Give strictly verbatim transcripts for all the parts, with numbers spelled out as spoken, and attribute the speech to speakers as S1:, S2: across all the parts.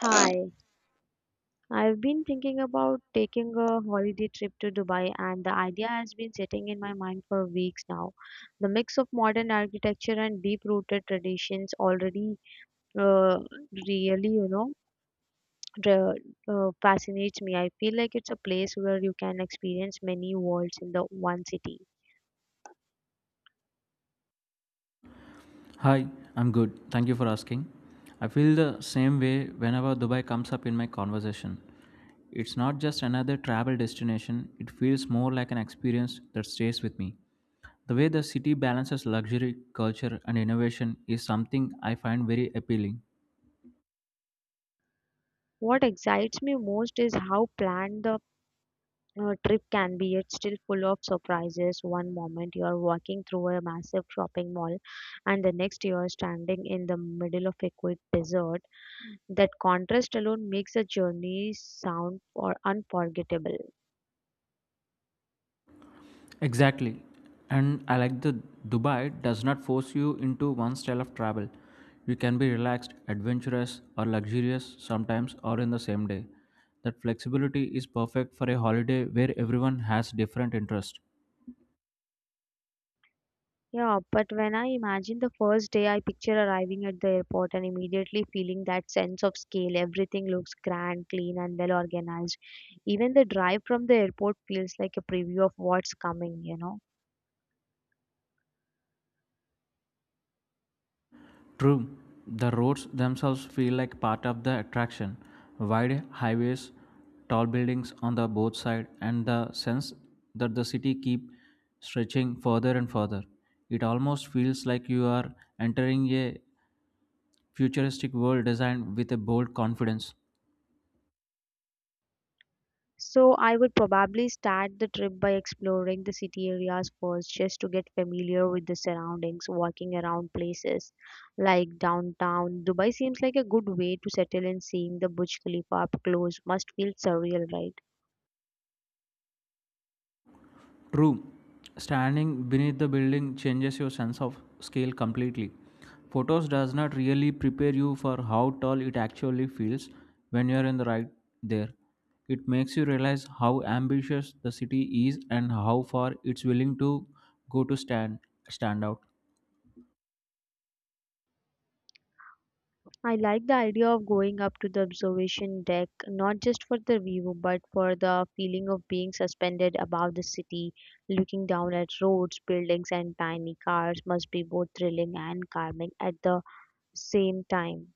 S1: Hi, I've been thinking about taking a holiday trip to Dubai, and the idea has been sitting in my mind for weeks now. The mix of modern architecture and deep-rooted traditions already uh, really, you know, dra- uh, fascinates me. I feel like it's a place where you can experience many worlds in the one city.
S2: Hi, I'm good. Thank you for asking. I feel the same way whenever Dubai comes up in my conversation. It's not just another travel destination, it feels more like an experience that stays with me. The way the city balances luxury, culture, and innovation is something I find very appealing.
S1: What excites me most is how planned the your trip can be yet still full of surprises. One moment you are walking through a massive shopping mall, and the next you are standing in the middle of a quiet desert. That contrast alone makes the journey sound or unforgettable.
S2: Exactly. And I like that Dubai does not force you into one style of travel. You can be relaxed, adventurous, or luxurious sometimes or in the same day. That flexibility is perfect for a holiday where everyone has different interests.
S1: Yeah, but when I imagine the first day, I picture arriving at the airport and immediately feeling that sense of scale. Everything looks grand, clean, and well organized. Even the drive from the airport feels like a preview of what's coming, you know.
S2: True, the roads themselves feel like part of the attraction. Wide highways, tall buildings on the both side, and the sense that the city keep stretching further and further. It almost feels like you are entering a futuristic world designed with a bold confidence.
S1: So I would probably start the trip by exploring the city areas first, just to get familiar with the surroundings, walking around places like downtown. Dubai seems like a good way to settle, and seeing the Burj Khalifa up close must feel surreal, right?
S2: Room standing beneath the building changes your sense of scale completely. Photos does not really prepare you for how tall it actually feels when you're in the right there. It makes you realize how ambitious the city is and how far it's willing to go to stand stand out.
S1: I like the idea of going up to the observation deck, not just for the view, but for the feeling of being suspended above the city, looking down at roads, buildings, and tiny cars must be both thrilling and calming at the same time.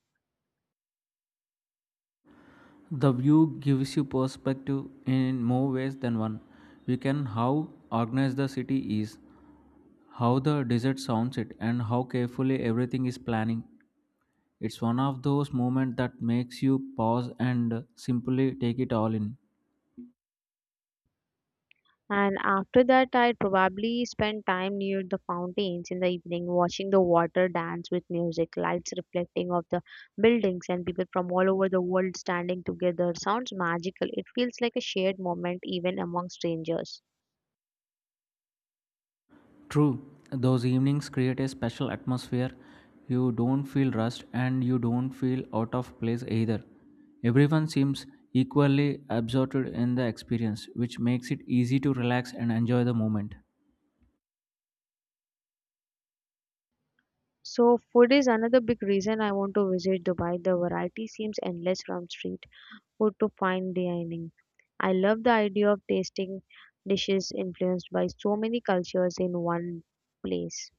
S2: The view gives you perspective in more ways than one. We can how organized the city is, how the desert sounds it, and how carefully everything is planning. It's one of those moments that makes you pause and simply take it all in.
S1: And after that, I probably spend time near the fountains in the evening, watching the water dance with music, lights reflecting off the buildings, and people from all over the world standing together. Sounds magical. It feels like a shared moment, even among strangers.
S2: True, those evenings create a special atmosphere. You don't feel rushed and you don't feel out of place either. Everyone seems equally absorbed in the experience, which makes it easy to relax and enjoy the moment.
S1: So, food is another big reason I want to visit Dubai. The variety seems endless, from street food to fine dining. I love the idea of tasting dishes influenced by so many cultures in one place.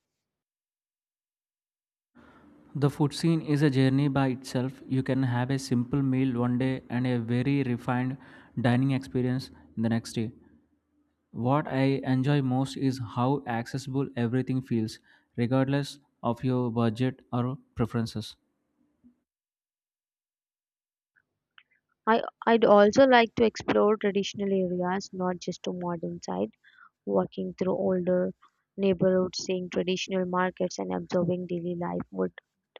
S2: The food scene is a journey by itself. You can have a simple meal one day and a very refined dining experience the next day. What I enjoy most is how accessible everything feels, regardless of your budget or preferences.
S1: I, I'd also like to explore traditional areas, not just a modern side, walking through older neighborhoods, seeing traditional markets, and observing daily life would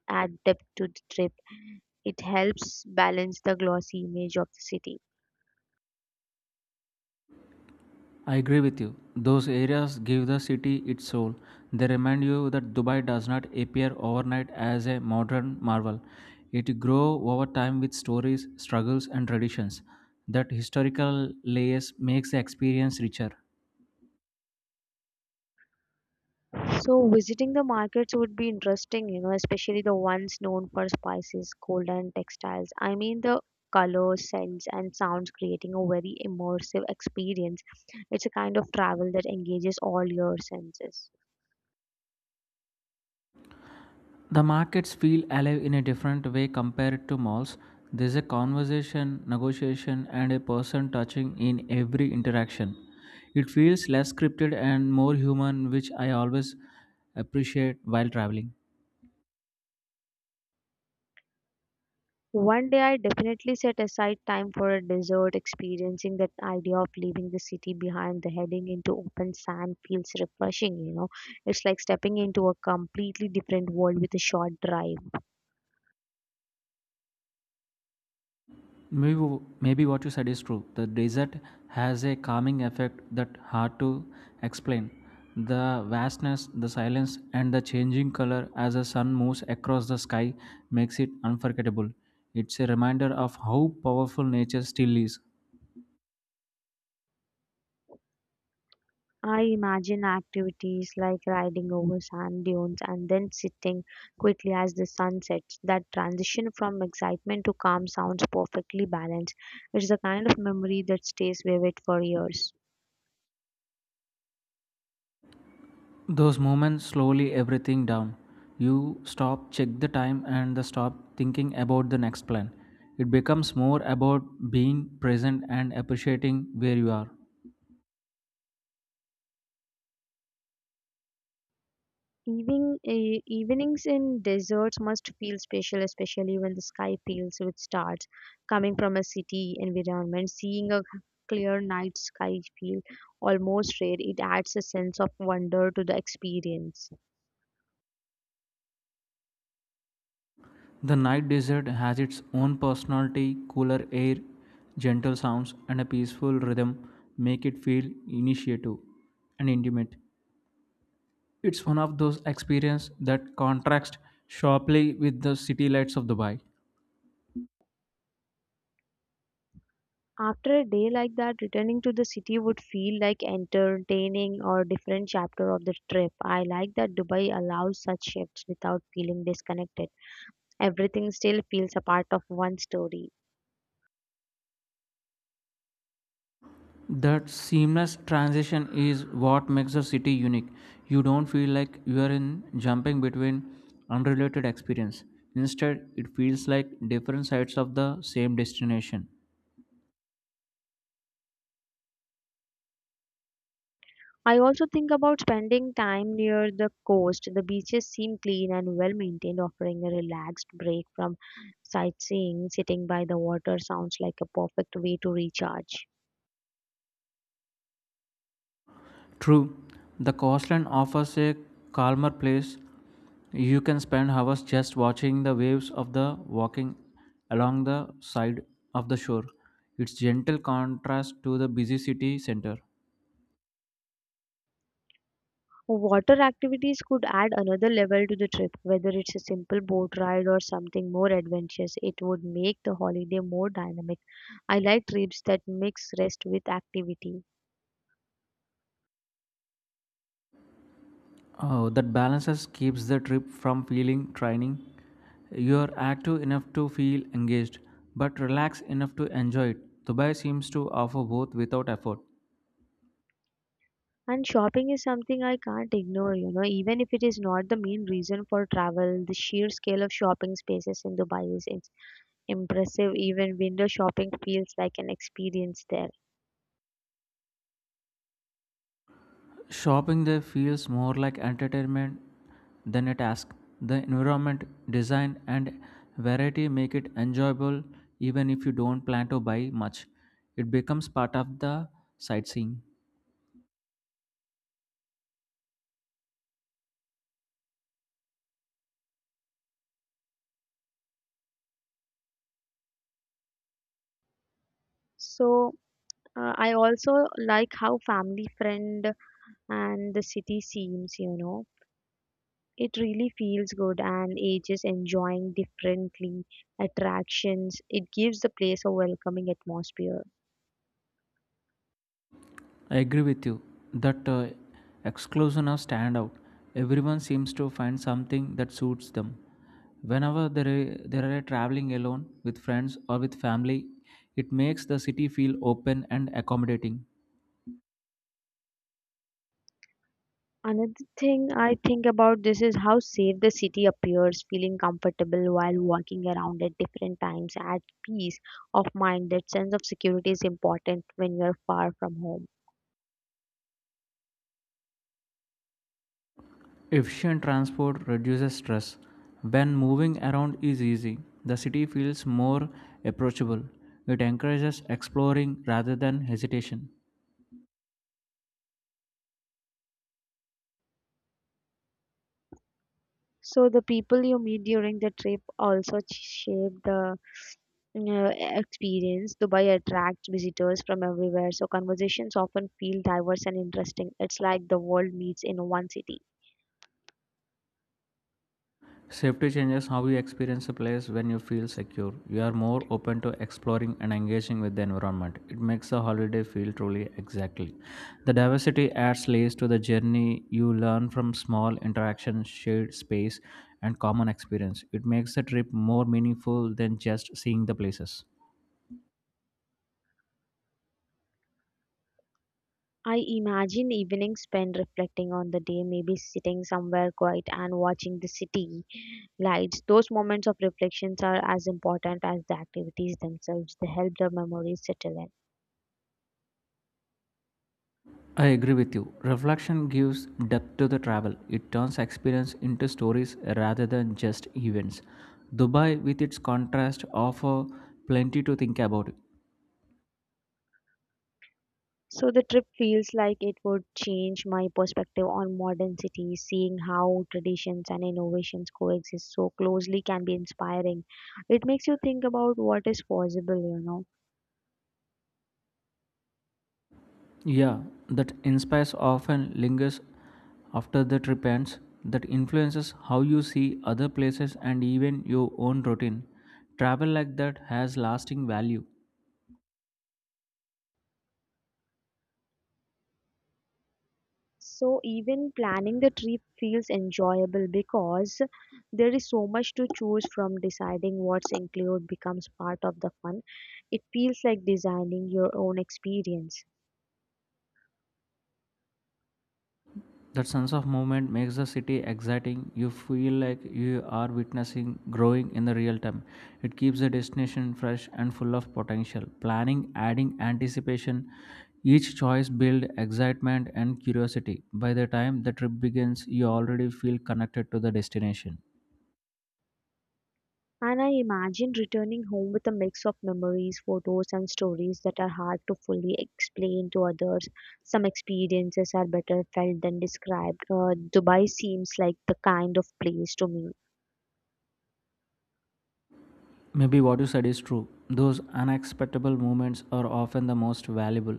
S1: add depth to the trip. It helps balance the glossy image of the city.
S2: I agree with you. Those areas give the city its soul. They remind you that Dubai does not appear overnight as a modern marvel. It grows over time with stories, struggles, and traditions. That historical layers makes the experience richer.
S1: So, visiting the markets would be interesting, you know, especially the ones known for spices, gold, and textiles. I mean, the colors, scents, and sounds creating a very immersive experience. It's a kind of travel that engages all your senses.
S2: The markets feel alive in a different way compared to malls. There's a conversation, negotiation, and a person touching in every interaction. It feels less scripted and more human, which I always appreciate while traveling.
S1: One day I definitely set aside time for a desert. Experiencing that idea of leaving the city behind, the heading into open sand feels refreshing, you know. It's like stepping into a completely different world with a short drive.
S2: Maybe, w- maybe what you said is true. The desert has a calming effect that hard to explain. The vastness, the silence, and the changing color as the sun moves across the sky makes it unforgettable. It's a reminder of how powerful nature still is.
S1: I imagine activities like riding over sand dunes and then sitting quickly as the sun sets. That transition from excitement to calm sounds perfectly balanced. It's the kind of memory that stays vivid for years.
S2: Those moments slowly everything down. You stop, check the time, and the stop thinking about the next plan. It becomes more about being present and appreciating where you are.
S1: Even, e- evenings in deserts must feel special, especially when the sky fills with stars. Coming from a city environment, seeing a clear night sky feel almost rare. It adds a sense of wonder to the experience.
S2: The night desert has its own personality, cooler air, gentle sounds, and a peaceful rhythm make it feel initiative and intimate. It's one of those experiences that contrast sharply with the city lights of Dubai.
S1: After a day like that, returning to the city would feel like entertaining or different chapter of the trip. I like that Dubai allows such shifts without feeling disconnected. Everything still feels a part of one story.
S2: That seamless transition is what makes the city unique. You don't feel like you are in jumping between unrelated experience. Instead, it feels like different sides of the same destination.
S1: I also think about spending time near the coast. The beaches seem clean and well maintained, offering a relaxed break from sightseeing. Sitting by the water sounds like a perfect way to recharge.
S2: True, the coastline offers a calmer place. You can spend hours just watching the waves of the walking along the side of the shore. It's gentle contrast to the busy city center.
S1: Water activities could add another level to the trip, whether it's a simple boat ride or something more adventurous. It would make the holiday more dynamic. I like trips that mix rest with activity.
S2: Oh, that balances keeps the trip from feeling training. You're active enough to feel engaged, but relaxed enough to enjoy it. Dubai seems to offer both without effort.
S1: And shopping is something I can't ignore, you know, even if it is not the main reason for travel. The sheer scale of shopping spaces in Dubai is ins- impressive. Even window shopping feels like an experience there.
S2: Shopping there feels more like entertainment than a task. The environment, design, and variety make it enjoyable even if you don't plan to buy much. It becomes part of the sightseeing.
S1: So, uh, I also like how family friend and the city seems, you know. It really feels good and ages enjoying differently attractions. It gives the place a welcoming atmosphere.
S2: I agree with you that uh, exclusion of standout. Everyone seems to find something that suits them. Whenever there are, there are traveling alone with friends or with family, it makes the city feel open and accommodating.
S1: Another thing I think about this is how safe the city appears, feeling comfortable while walking around at different times, at peace of mind. That sense of security is important when you are far from home.
S2: Efficient transport reduces stress. When moving around is easy, the city feels more approachable. It encourages exploring rather than hesitation.
S1: So the people you meet during the trip also ch- shape the uh, experience. Dubai attracts visitors from everywhere, so conversations often feel diverse and interesting. It's like the world meets in one city.
S2: Safety changes how you experience a place when you feel secure. You are more open to exploring and engaging with the environment. It makes a holiday feel truly exactly. The diversity adds layers to the journey. You learn from small interactions, shared space, and common experience. It makes the trip more meaningful than just seeing the places.
S1: I imagine evenings spent reflecting on the day, maybe sitting somewhere quiet and watching the city lights. Those moments of reflections are as important as the activities themselves. They help the memories settle in.
S2: I agree with you. Reflection gives depth to the travel. It turns experience into stories rather than just events. Dubai, with its contrast, offers plenty to think about.
S1: So the trip feels like it would change my perspective on modern cities. Seeing how traditions and innovations coexist so closely can be inspiring. It makes you think about what is possible, you know.
S2: Yeah, that inspires often lingers after the trip ends. That influences how you see other places and even your own routine. Travel like that has lasting value.
S1: So even planning the trip feels enjoyable because there is so much to choose from, deciding what's included becomes part of the fun. It feels like designing your own experience.
S2: That sense of movement makes the city exciting. You feel like you are witnessing growing in the real time. It keeps the destination fresh and full of potential. Planning, adding anticipation, each choice builds excitement and curiosity. By the time the trip begins, you already feel connected to the destination.
S1: And I imagine returning home with a mix of memories, photos, and stories that are hard to fully explain to others. Some experiences are better felt than described. Uh, Dubai seems like the kind of place to me.
S2: Maybe what you said is true. Those unexpectable moments are often the most valuable.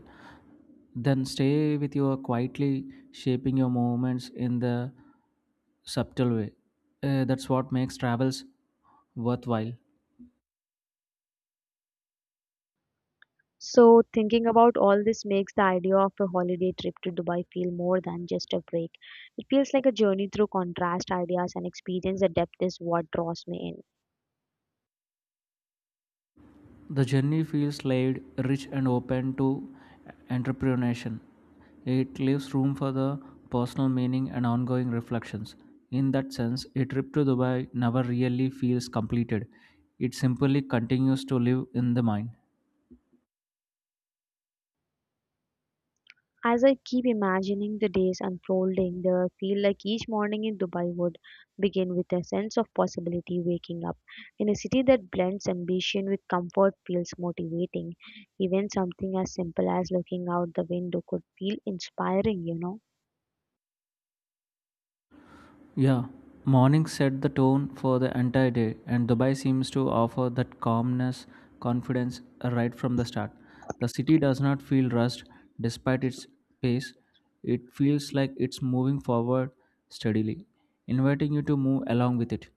S2: Then stay with you quietly shaping your movements in the subtle way. Uh, that's what makes travels worthwhile.
S1: So, thinking about all this makes the idea of a holiday trip to Dubai feel more than just a break. It feels like a journey through contrast, ideas, and experience. The depth is what draws me in.
S2: The journey feels laid, rich, and open to entrepreneurship. It leaves room for the personal meaning and ongoing reflections. In that sense, a trip to Dubai never really feels completed. It simply continues to live in the mind.
S1: As I keep imagining the days unfolding, there I feel like each morning in Dubai would begin with a sense of possibility waking up. In a city that blends ambition with comfort feels motivating. Even something as simple as looking out the window could feel inspiring, you know.
S2: Yeah, morning set the tone for the entire day, and Dubai seems to offer that calmness, confidence right from the start. The city does not feel rushed despite its pace, it feels like it's moving forward steadily, inviting you to move along with it.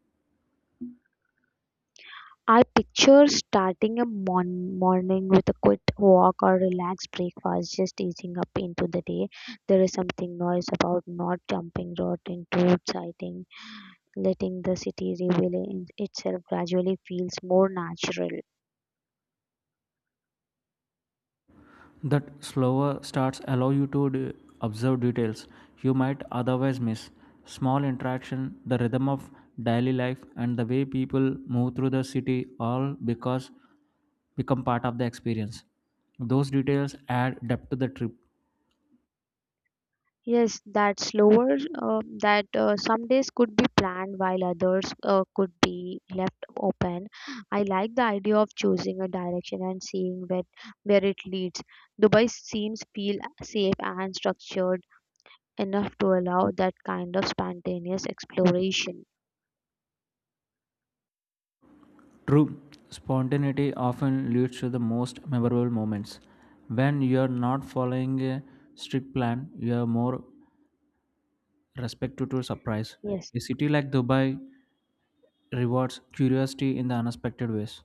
S1: I picture starting a mon- morning with a quick walk or relaxed breakfast, just easing up into the day. There is something nice about not jumping right into sighting, letting the city reveal in itself gradually feels more natural.
S2: That slower starts allow you to d- observe details you might otherwise miss. Small interaction, the rhythm of daily life, and the way people move through the city all because become part of the experience. Those details add depth to the trip.
S1: Yes, that slower, uh, that uh, some days could be planned while others uh, could be left open. I like the idea of choosing a direction and seeing where where it leads. Dubai seems feel safe and structured enough to allow that kind of spontaneous exploration.
S2: True, spontaneity often leads to the most memorable moments. When you are not following a strict plan, you are more respected to surprise.
S1: Yes.
S2: A city like Dubai rewards curiosity in the unexpected ways.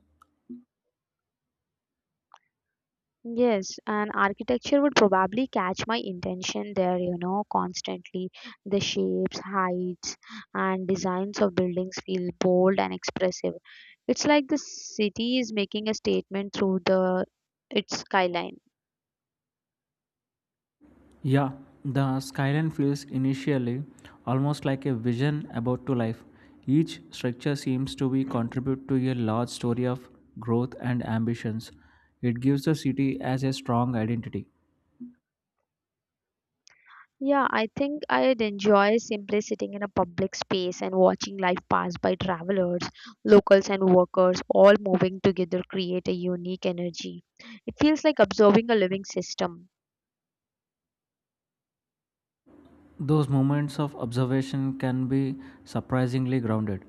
S1: Yes, and architecture would probably catch my intention there, you know, constantly. The shapes, heights, and designs of buildings feel bold and expressive. It's like the city is making a statement through the its skyline.
S2: Yeah, the skyline feels initially almost like a vision about to life. Each structure seems to be contribute to a large story of growth and ambitions. It gives the city as a strong identity.
S1: Yeah, I think I'd enjoy simply sitting in a public space and watching life pass by travelers, locals and workers all moving together create a unique energy. It feels like observing a living system.
S2: Those moments of observation can be surprisingly grounded.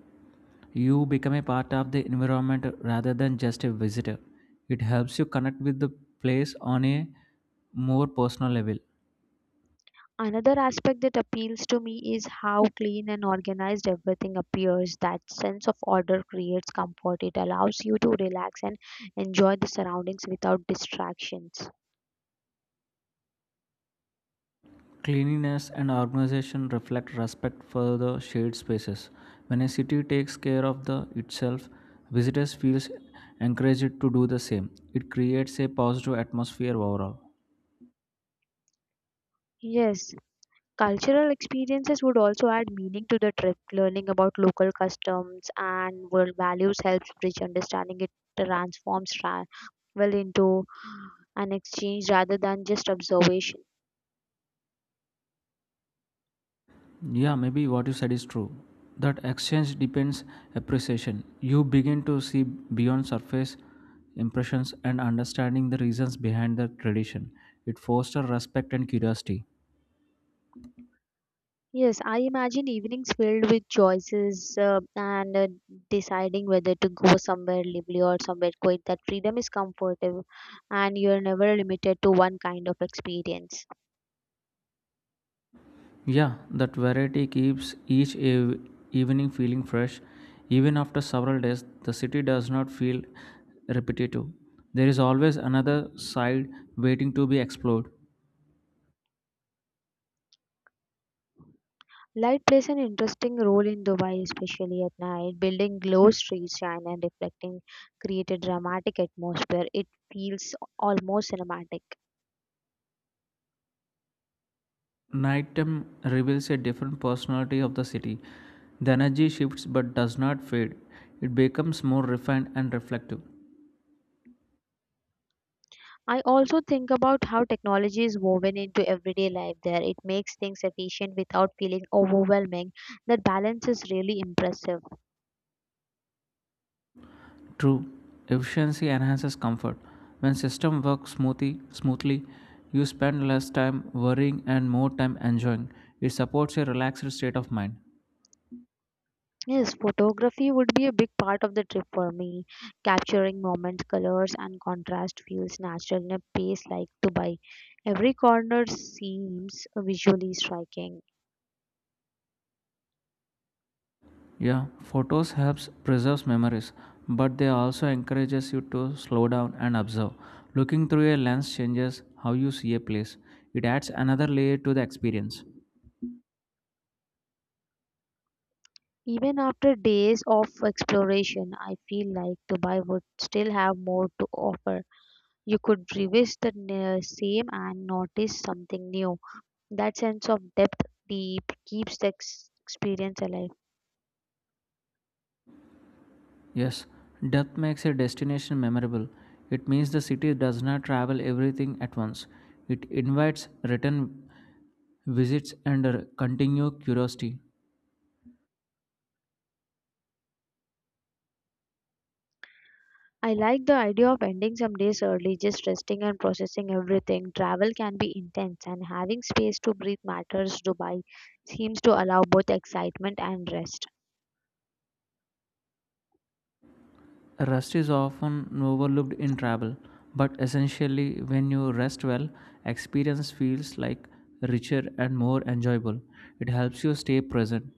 S2: You become a part of the environment rather than just a visitor. It helps you connect with the place on a more personal level.
S1: Another aspect that appeals to me is how clean and organized everything appears. That sense of order creates comfort. It allows you to relax and enjoy the surroundings without distractions.
S2: Cleanliness and organization reflect respect for the shared spaces. When a city takes care of the itself, visitors feel encouraged to do the same. It creates a positive atmosphere overall.
S1: Yes, cultural experiences would also add meaning to the trip. Learning about local customs and world values helps bridge understanding. It transforms travel into an exchange rather than just observation.
S2: Yeah, maybe what you said is true. That exchange depends appreciation. You begin to see beyond surface impressions and understanding the reasons behind the tradition. It fosters respect and curiosity.
S1: Yes, I imagine evenings filled with choices uh, and uh, deciding whether to go somewhere lively or somewhere quiet. That freedom is comfortable and you're never limited to one kind of experience.
S2: Yeah, that variety keeps each eve- evening feeling fresh. Even after several days, the city does not feel repetitive. There is always another side waiting to be explored.
S1: Light plays an interesting role in Dubai, especially at night. Building glow streets shine and reflecting create a dramatic atmosphere. It feels almost cinematic.
S2: Nighttime reveals a different personality of the city. The energy shifts but does not fade. It becomes more refined and reflective.
S1: I also think about how technology is woven into everyday life there. It makes things efficient without feeling overwhelming. That balance is really impressive.
S2: True, efficiency enhances comfort. When system works smoothly, smoothly, you spend less time worrying and more time enjoying. It supports a relaxed state of mind.
S1: Yes, photography would be a big part of the trip for me. Capturing moments, colors, and contrast feels natural in a place like Dubai. Every corner seems visually striking.
S2: Yeah, photos helps preserves memories, but they also encourages you to slow down and observe. Looking through a lens changes how you see a place. It adds another layer to the experience.
S1: Even after days of exploration, I feel like Dubai would still have more to offer. You could revisit the n- same and notice something new. That sense of depth deep keeps the ex- experience alive.
S2: Yes, depth makes a destination memorable. It means the city does not travel everything at once. It invites return visits and a continued curiosity.
S1: I like the idea of ending some days early, just resting and processing everything. Travel can be intense, and having space to breathe matters. Dubai seems to allow both excitement and rest.
S2: Rest is often overlooked in travel, but essentially, when you rest well, experience feels like richer and more enjoyable. It helps you stay present.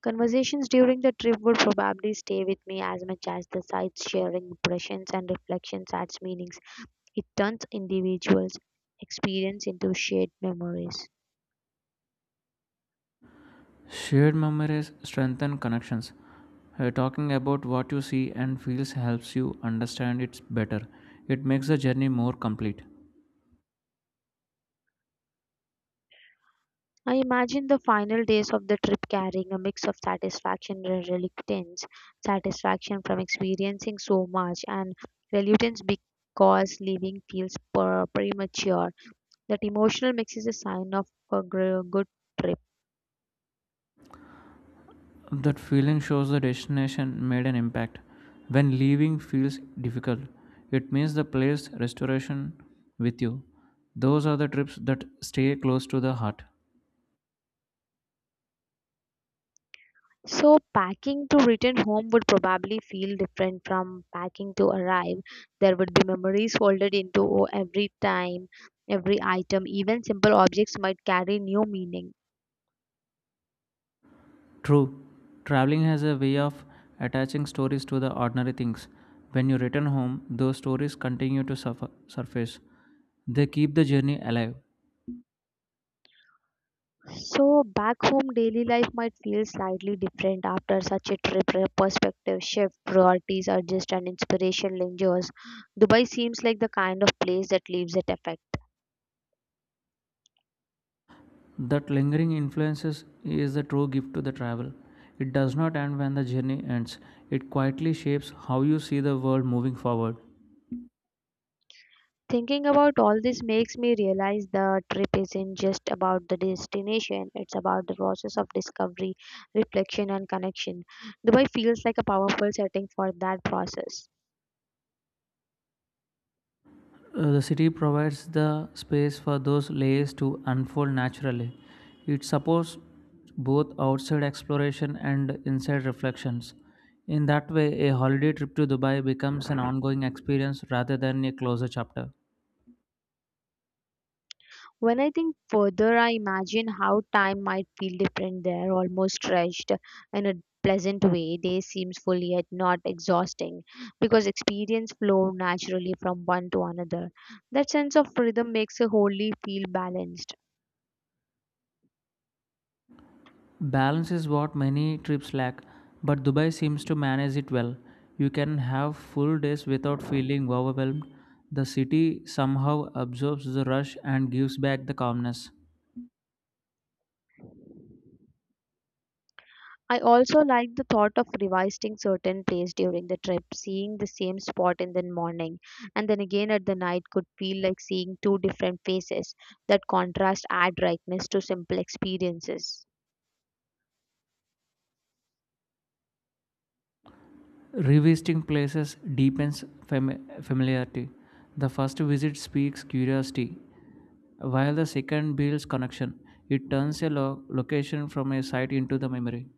S1: Conversations during the trip would probably stay with me as much as the sights, sharing impressions and reflections adds meanings. It turns individuals' experience into shared memories.
S2: Shared memories strengthen connections. Uh, talking about what you see and feels helps you understand it better. It makes the journey more complete.
S1: I imagine the final days of the trip carrying a mix of satisfaction and reluctance, satisfaction from experiencing so much, and reluctance because leaving feels per- premature. That emotional mix is a sign of a gr- good trip.
S2: That feeling shows the destination made an impact. When leaving feels difficult, it means the place restoration with you. Those are the trips that stay close to the heart.
S1: So, packing to return home would probably feel different from packing to arrive. There would be memories folded into every time, every item, even simple objects might carry new meaning.
S2: True, traveling has a way of attaching stories to the ordinary things. When you return home, those stories continue to suffer, surface. They keep the journey alive.
S1: So back home, daily life might feel slightly different after such a trip. re- Perspective shift, priorities adjust, and inspiration lingers. Dubai seems like the kind of place that leaves that effect.
S2: That lingering influences is the true gift to the travel. It does not end when the journey ends. It quietly shapes how you see the world moving forward.
S1: Thinking about all this makes me realize the trip isn't just about the destination, it's about the process of discovery, reflection, and connection. Dubai feels like a powerful setting for that process.
S2: Uh, the city provides the space for those layers to unfold naturally. It supports both outside exploration and inside reflections. In that way, a holiday trip to Dubai becomes an ongoing experience rather than a closer chapter.
S1: When I think further, I imagine how time might feel different there, almost stretched in a pleasant way. Day seems full yet not exhausting because experience flow naturally from one to another. That sense of rhythm makes a wholly feel balanced.
S2: Balance is what many trips lack, but Dubai seems to manage it well. You can have full days without feeling overwhelmed. The city somehow absorbs the rush and gives back the calmness.
S1: I also like the thought of revisiting certain place during the trip, seeing the same spot in the morning and then again at the night could feel like seeing two different faces. That contrast add brightness to simple experiences.
S2: Revisiting places deepens fam- familiarity. The first visit speaks curiosity, while the second builds connection. It turns a lo- location from a site into the memory.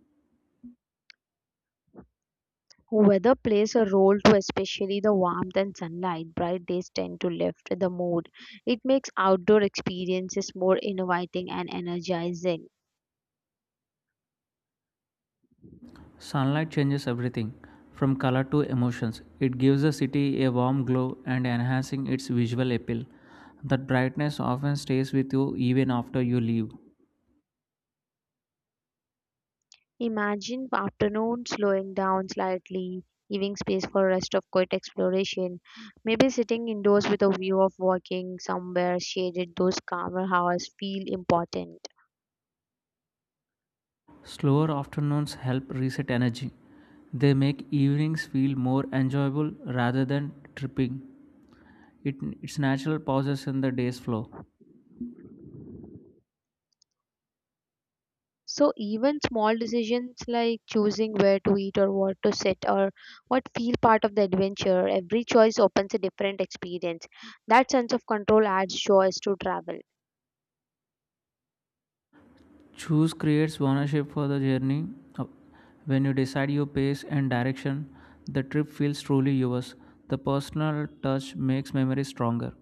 S1: Weather plays a role too, especially the warmth and sunlight. Bright days tend to lift the mood. It makes outdoor experiences more inviting and energizing.
S2: Sunlight changes everything, from color to emotions. It gives the city a warm glow and enhancing its visual appeal. That brightness often stays with you even after you leave.
S1: Imagine afternoon slowing down slightly, giving space for rest of quiet exploration. Maybe sitting indoors with a view of walking somewhere shaded, those calmer hours feel important.
S2: Slower afternoons help reset energy. They make evenings feel more enjoyable rather than tripping. It, its natural pauses in the day's flow.
S1: So even small decisions like choosing where to eat or what to sit or what feel part of the adventure, every choice opens a different experience. That sense of control adds joy to travel.
S2: Choose creates ownership for the journey. Uh, When you decide your pace and direction, the trip feels truly yours. The personal touch makes memories stronger.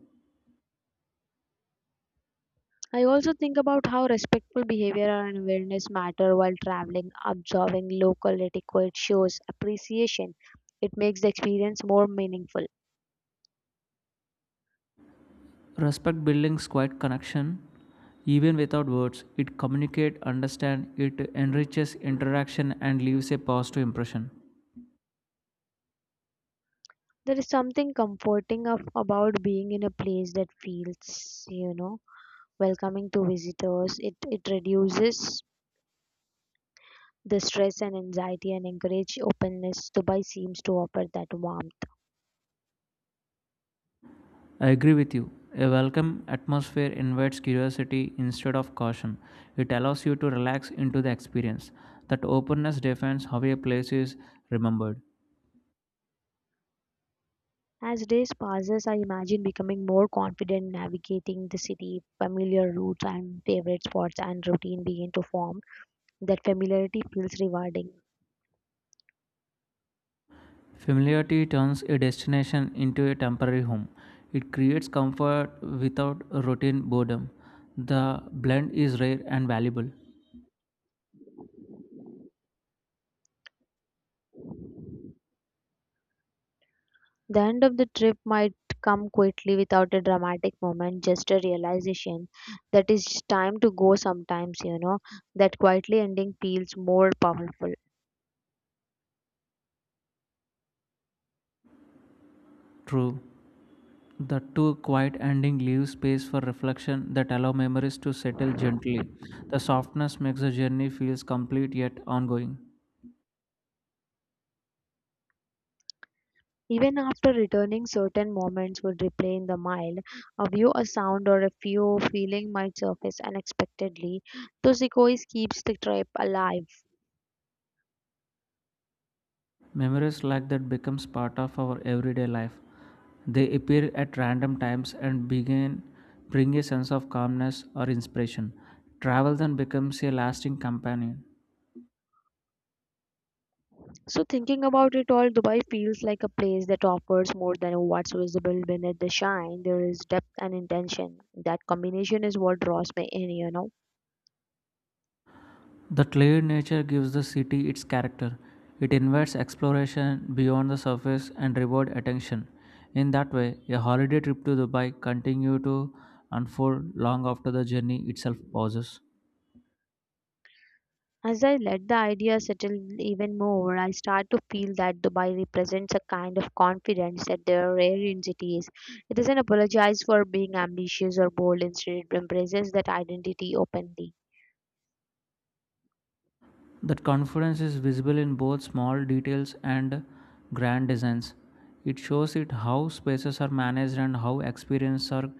S1: I also think about how respectful behavior and awareness matter while traveling. Observing local etiquette shows appreciation. It makes the experience more meaningful.
S2: Respect buildings quiet connection. Even without words, it communicates, understand, it enriches interaction and leaves a positive impression.
S1: There is something comforting of, about being in a place that feels, you know, welcoming to visitors. It it reduces the stress and anxiety and encourage openness. Dubai seems to offer that warmth.
S2: I agree with you. A welcome atmosphere invites curiosity instead of caution. It allows you to relax into the experience. That openness defines how a place is remembered.
S1: As days passes, I imagine becoming more confident navigating the city, familiar routes and favorite spots and routine begin to form. That familiarity feels rewarding.
S2: Familiarity turns a destination into a temporary home. It creates comfort without routine boredom. The blend is rare and valuable.
S1: The end of the trip might come quickly without a dramatic moment, just a realization that it's time to go sometimes, you know. That quietly ending feels more powerful.
S2: True. The two quiet ending leaves space for reflection that allow memories to settle gently. The softness makes the journey feels complete yet ongoing.
S1: Even after returning, certain moments would replay in the mind. A view, a sound, or a few feeling might surface unexpectedly. Those echoes keeps the trip alive.
S2: Memories like that becomes part of our everyday life. They appear at random times and begin bring a sense of calmness or inspiration. Travel then becomes a lasting companion.
S1: So thinking about it all, Dubai feels like a place that offers more than what's visible beneath the shine. There is depth and intention. That combination is what draws me in, you know.
S2: The clear nature gives the city its character. It invites exploration beyond the surface and reward attention. In that way, a holiday trip to Dubai continue to unfold long after the journey itself pauses.
S1: As I let the idea settle even more, I start to feel that Dubai represents a kind of confidence that there are rare in cities. It doesn't apologize for being ambitious or bold, instead, it embraces that identity openly.
S2: That confidence is visible in both small details and grand designs. It shows it how spaces are managed and how experiences are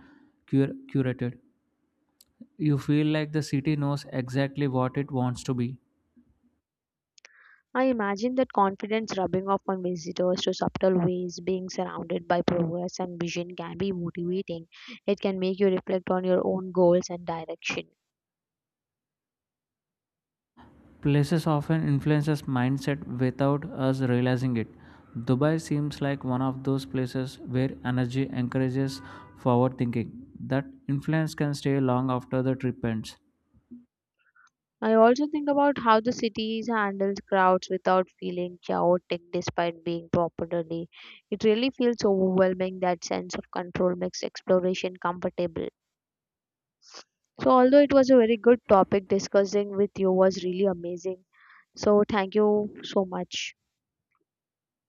S2: cur- curated. You feel like the city knows exactly what it wants to be.
S1: I imagine that confidence rubbing off on visitors to subtle ways, being surrounded by progress and vision can be motivating. It can make you reflect on your own goals and direction.
S2: Places often influence us mindset without us realizing it. Dubai seems like one of those places where energy encourages forward thinking. That influence can stay long after the trip ends.
S1: I also think about how the cities handle crowds without feeling chaotic despite being properly. It really feels overwhelming that sense of control makes exploration comfortable. So, although it was a very good topic, discussing with you was really amazing. So, thank you so much.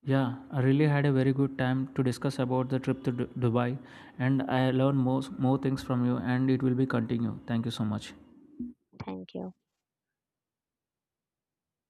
S2: Yeah, I really had a very good time to discuss about the trip to Du- Dubai and I learned more more things from you and it will be continue. Thank you so much.
S1: Thank you.